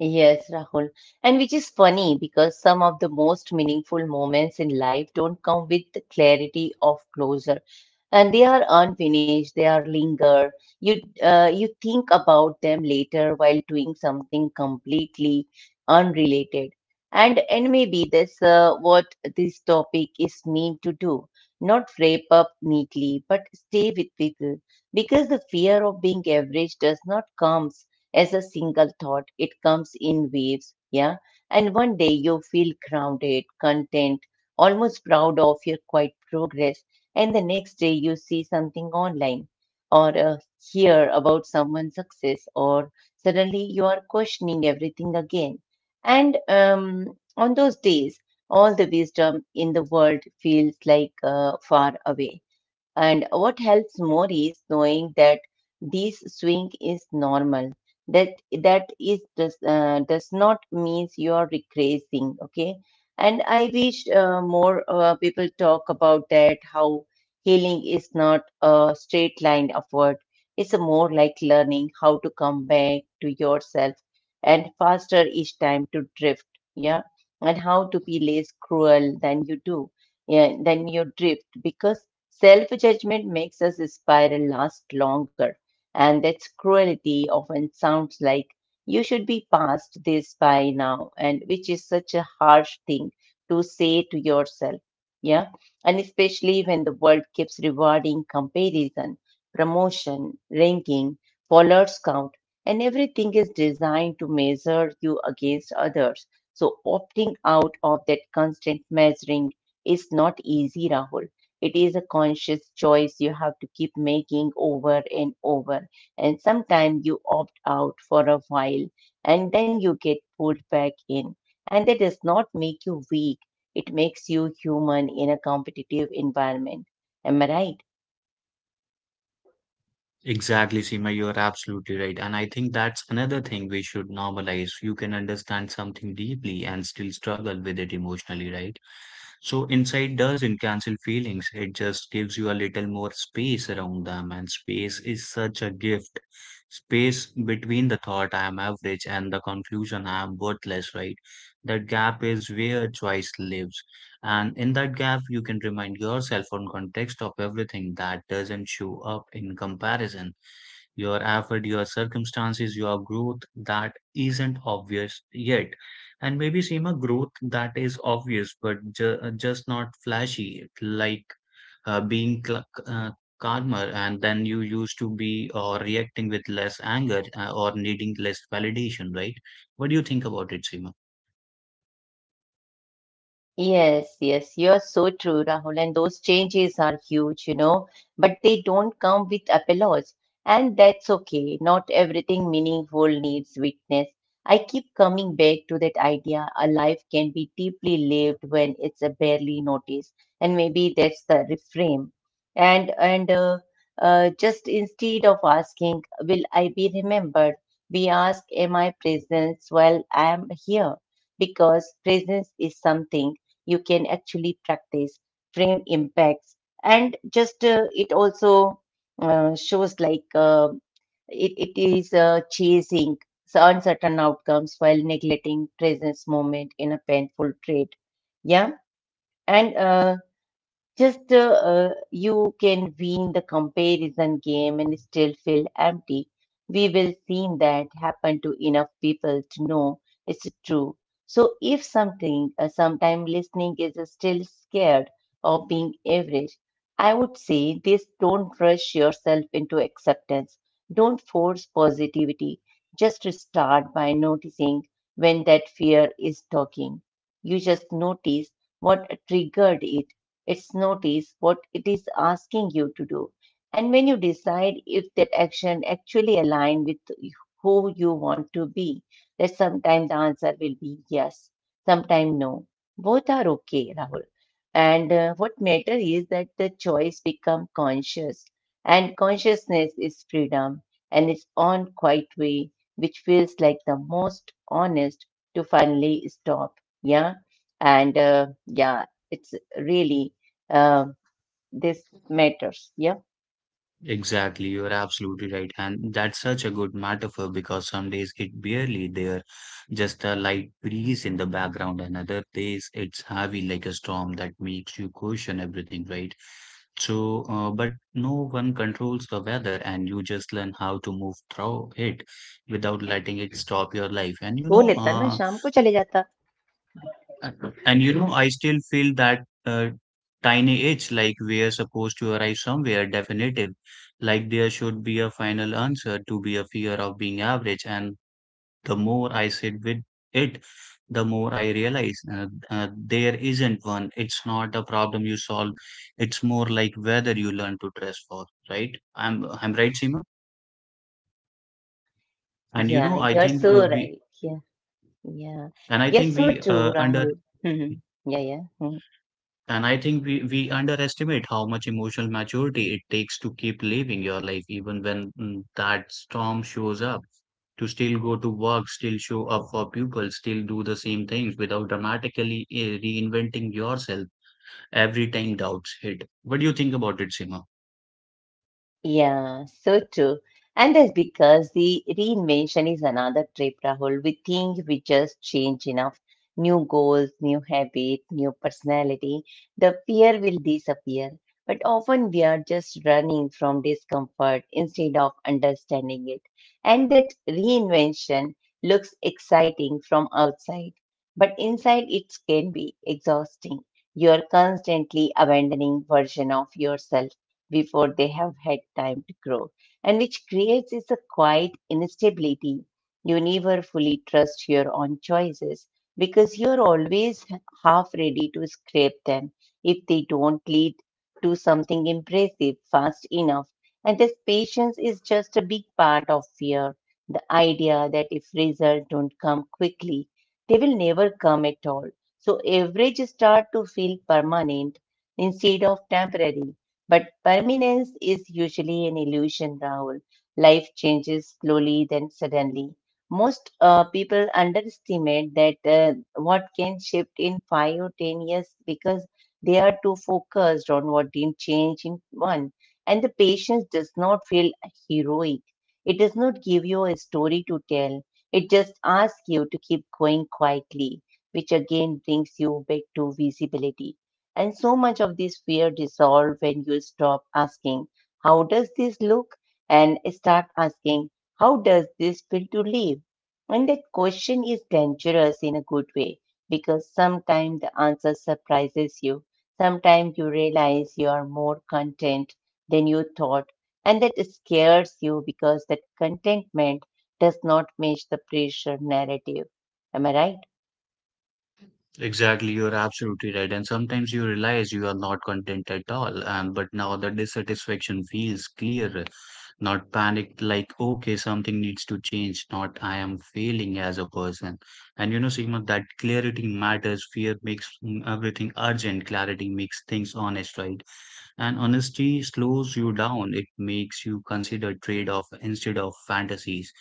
Speaker 1: Yes, Rahul. And which is funny because some of the most meaningful moments in life don't come with the clarity of closure. And they are unfinished, they are linger. you you think about them later while doing something completely unrelated. And maybe that's what this topic is meant to do, not wrap up neatly but stay with people because the fear of being average does not comes as a single thought, it comes in waves. Yeah, and one day you feel grounded content, almost proud of your quiet progress, and the next day you see something online or hear about someone's success, or suddenly you are questioning everything again. And on those days all the wisdom in the world feels like far away, and what helps more is knowing that this swing is normal. That that is does not means you are regressing. Okay, and I wish more people talk about that. How healing is not a straight line upward. It's a more like learning how to come back to yourself and faster each time to drift. Yeah, and how to be less cruel than you do. Yeah, than you drift because self judgment makes us spiral last longer, and that's cruelty often sounds like you should be past this by now, and which is such a harsh thing to say to yourself. Yeah, and especially when the world keeps rewarding comparison, promotion, ranking, followers count, and everything is designed to measure you against others. So, opting out of that constant measuring is not easy, Rahul, it is a conscious choice you have to keep making over and over. And sometimes you opt out for a while and then you get pulled back in. And that does not make you weak, it makes you human in a competitive environment. Am I right?
Speaker 2: Exactly, Seema, you are absolutely right. And I think that's another thing we should normalize. You can understand something deeply and still struggle with it emotionally, right? So, insight doesn't cancel feelings, it just gives you a little more space around them. And space is such a gift. Space between the thought I am average and the conclusion I am worthless, right? That gap is where choice lives. And in that gap, you can remind yourself on context of everything that doesn't show up in comparison. Your effort, your circumstances, your growth that isn't obvious yet. And maybe Seema, growth that is obvious but just not flashy, like uh, being cl- uh, calmer and then you used to be, or reacting with less anger or needing less validation, right? What do you think about it, Seema?
Speaker 1: Yes, you are so true, Rahul. And those changes are huge, you know, but they don't come with applause. And that's okay. Not everything meaningful needs witness. I keep coming back to that idea, a life can be deeply lived when it's barely noticed. And maybe that's the reframe. And Just instead of asking, will I be remembered? We ask, am I present while I am here? Because presence is something you can actually practice. Frame impacts, and just it also shows like it is chasing uncertain outcomes while neglecting presence moment in a painful trait. Yeah, and just you can win the comparison game and still feel empty. We will seen that happen to enough people to know it's true. So if something, sometime listening is still scared of being average, I would say this, don't rush yourself into acceptance. Don't force positivity. Just start by noticing when that fear is talking. You just notice what triggered it. It's notice what it is asking you to do, and when you decide if that action actually aligns with who you want to be, that sometimes the answer will be yes, sometimes no. Both are okay, Rahul. And what matters is that the choice become conscious, and consciousness is freedom, and its own quiet way, which feels like the most honest to finally stop. Yeah, and yeah, it's really uh, this matters. Yeah.
Speaker 2: Exactly, you're absolutely right. And that's such a good metaphor because some days it barely there, just a light breeze in the background, and other days it's heavy like a storm that makes you question everything, right? So, but no one controls the weather, and you just learn how to move through it without letting it stop your life.
Speaker 1: बोलेता ना शाम को चले जाता,
Speaker 2: And you know, I still feel that tiny itch like we are supposed to arrive somewhere definitive, like there should be a final answer to be a fear of being average. And the more I sit with it, the more I realize there isn't one. It's not a problem you solve. It's more like whether you learn to dress for, right? I'm right, Seema. And
Speaker 1: या,
Speaker 2: you know,
Speaker 1: यह
Speaker 2: I
Speaker 1: बर
Speaker 2: think
Speaker 1: so
Speaker 2: we
Speaker 1: रहे, या,
Speaker 2: and I
Speaker 1: यह
Speaker 2: think
Speaker 1: so
Speaker 2: we
Speaker 1: चूरा हूँ,
Speaker 2: underestimate
Speaker 1: या, या, या,
Speaker 2: And I think we underestimate how much emotional maturity it takes to keep living your life, even when that storm shows up. To still go to work, still show up for people, still do the same things without dramatically reinventing yourself every time doubts hit. What do you think about it, Sima?
Speaker 1: yeah, so true. And that's because the reinvention is another trip, Rahul. We think we just change enough. New goals, new habit, new personality. The fear will disappear. But often we are just running from discomfort instead of understanding it. And that reinvention looks exciting from outside. But inside it can be exhausting. You are constantly abandoning version of yourself before they have had time to grow, and which creates is a quiet instability. You never fully trust your own choices because you're always half ready to scrape them if they don't lead to something impressive fast enough. And this patience is just a big part of fear. The idea that if results don't come quickly, they will never come at all. So average start to feel permanent instead of temporary. But permanence is usually an illusion, Rahul. Life changes slowly, then suddenly. Most people underestimate that what can shift in 5 or 10 years because they are too focused on what didn't change in one. And the patience does not feel heroic. It does not give you a story to tell. It just asks you to keep going quietly, which again brings you back to visibility. And so much of this fear dissolves when you stop asking, how does this look? And start asking, how does this feel to live? And that question is dangerous in a good way because sometimes the answer surprises you. Sometimes you realize you are more content than you thought, and that scares you because that contentment does not match the pressure narrative. Am I right?
Speaker 2: Exactly, you're absolutely right. And sometimes you realize you are not content at all. And but now the dissatisfaction feels clear, not panicked, like, okay, something needs to change, not I am failing as a person. And you know, Sigma, that clarity matters. Fear makes everything urgent, clarity makes things honest, right? And honesty slows you down. It makes you consider trade off instead of fantasies.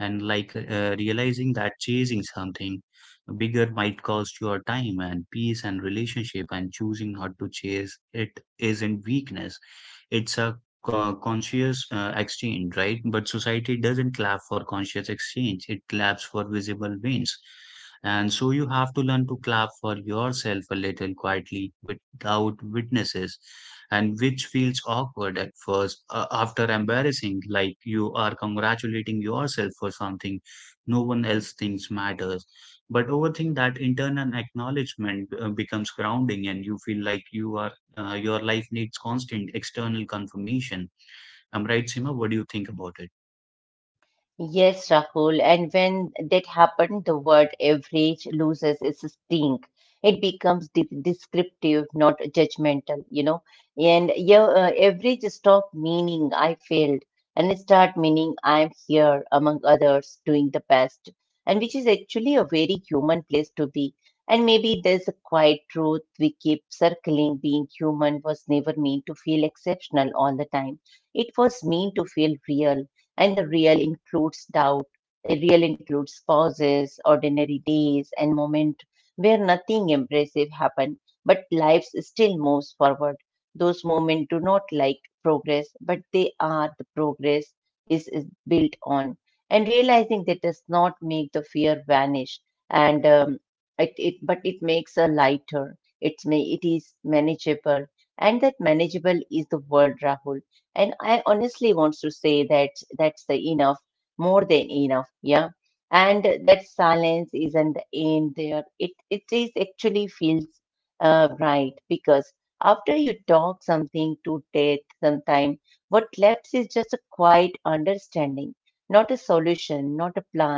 Speaker 2: And like realizing that chasing something bigger might cost your time and peace and relationship, and choosing not to chase it isn't weakness, it's a conscious exchange, right? But society doesn't clap for conscious exchange, it claps for visible wins, and so you have to learn to clap for yourself a little quietly, without witnesses, and which feels awkward at first, after embarrassing, like you are congratulating yourself for something no one else thinks matters, but overthink that internal acknowledgement becomes grounding, and you feel like you are your life needs constant external confirmation. I'm right, Sima? What do you think about it?
Speaker 1: Yes, Rahul. And when that happened, the word average loses its sting. It becomes descriptive, not judgmental, you know. And yeah, average stop meaning I failed and start meaning I'm here among others doing the best. And which is actually a very human place to be. And maybe there's a quiet truth we keep circling. Being human was never meant to feel exceptional all the time. It was meant to feel real, and the real includes doubt, a reel includes pauses, ordinary days, and moments where nothing impressive happened, but life still moves forward. Those moments do not like progress, but they are the progress is built on. And realizing that does not make the fear vanish, and it but it makes a lighter. It is manageable, and that manageable is the world, Rahul. And I honestly want to say that that's the enough, more than enough. Yeah, and that silence isn't the end there, it is actually feels right because after you talk something to death sometime what left is just a quiet understanding, not a solution, not a plan,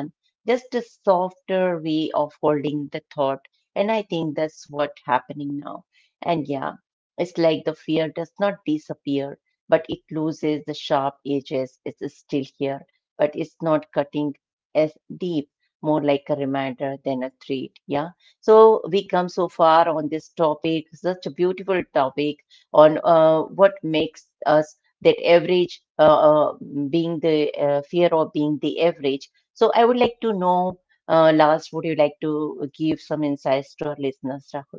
Speaker 1: just a softer way of holding the thought, and I think that's what happening now. And yeah, it's like the fear does not disappear but it loses the sharp edges, it's still here but it's not cutting as deep, more like a reminder than a threat. Yeah. So we come so far on this topic, such a beautiful topic on what makes us that average uh, being the fear of being the average. So I would like to know, Lars, would you like to give some insights to our listeners, Rahul?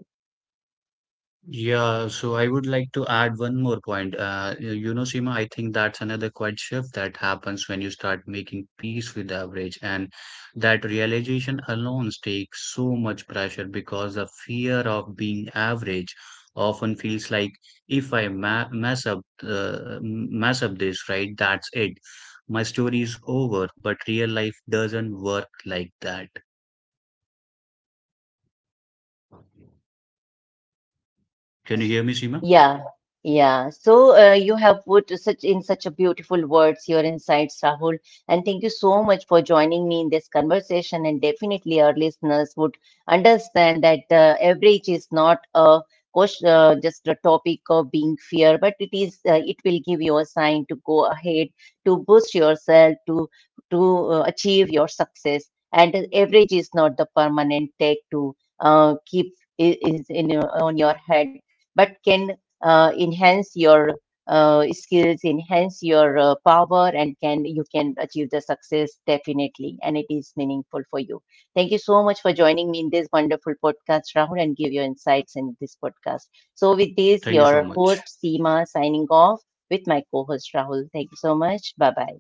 Speaker 2: Yeah, so I would like to add one more point. You you know, Seema, I think that's another quiet shift that happens when you start making peace with the average, and that realization alone takes so much pressure because the fear of being average often feels like, if I ma mess up, m- mess up this, right, that's it. My story is over, but real life doesn't work like that. Can you
Speaker 1: Yes.
Speaker 2: hear me, Seema?
Speaker 1: Yeah. Yeah. So you have put such in such a beautiful words your insights, Rahul. And thank you so much for joining me in this conversation. And definitely our listeners would understand that average is not a just a topic of being fear, but it is it will give you a sign to go ahead, to boost yourself, to achieve your success. And the average is not the permanent tag to keep is in your, on your head but can enhance your skills, enhance your power, and can you can achieve the success definitely, and it is meaningful for you. Thank you so much for joining me in this wonderful podcast Rahul, and give your insights in this podcast. So, with this,
Speaker 2: Thank you so
Speaker 1: your host
Speaker 2: much.
Speaker 1: Seema signing off with my co-host Rahul. Thank you so much. Bye bye.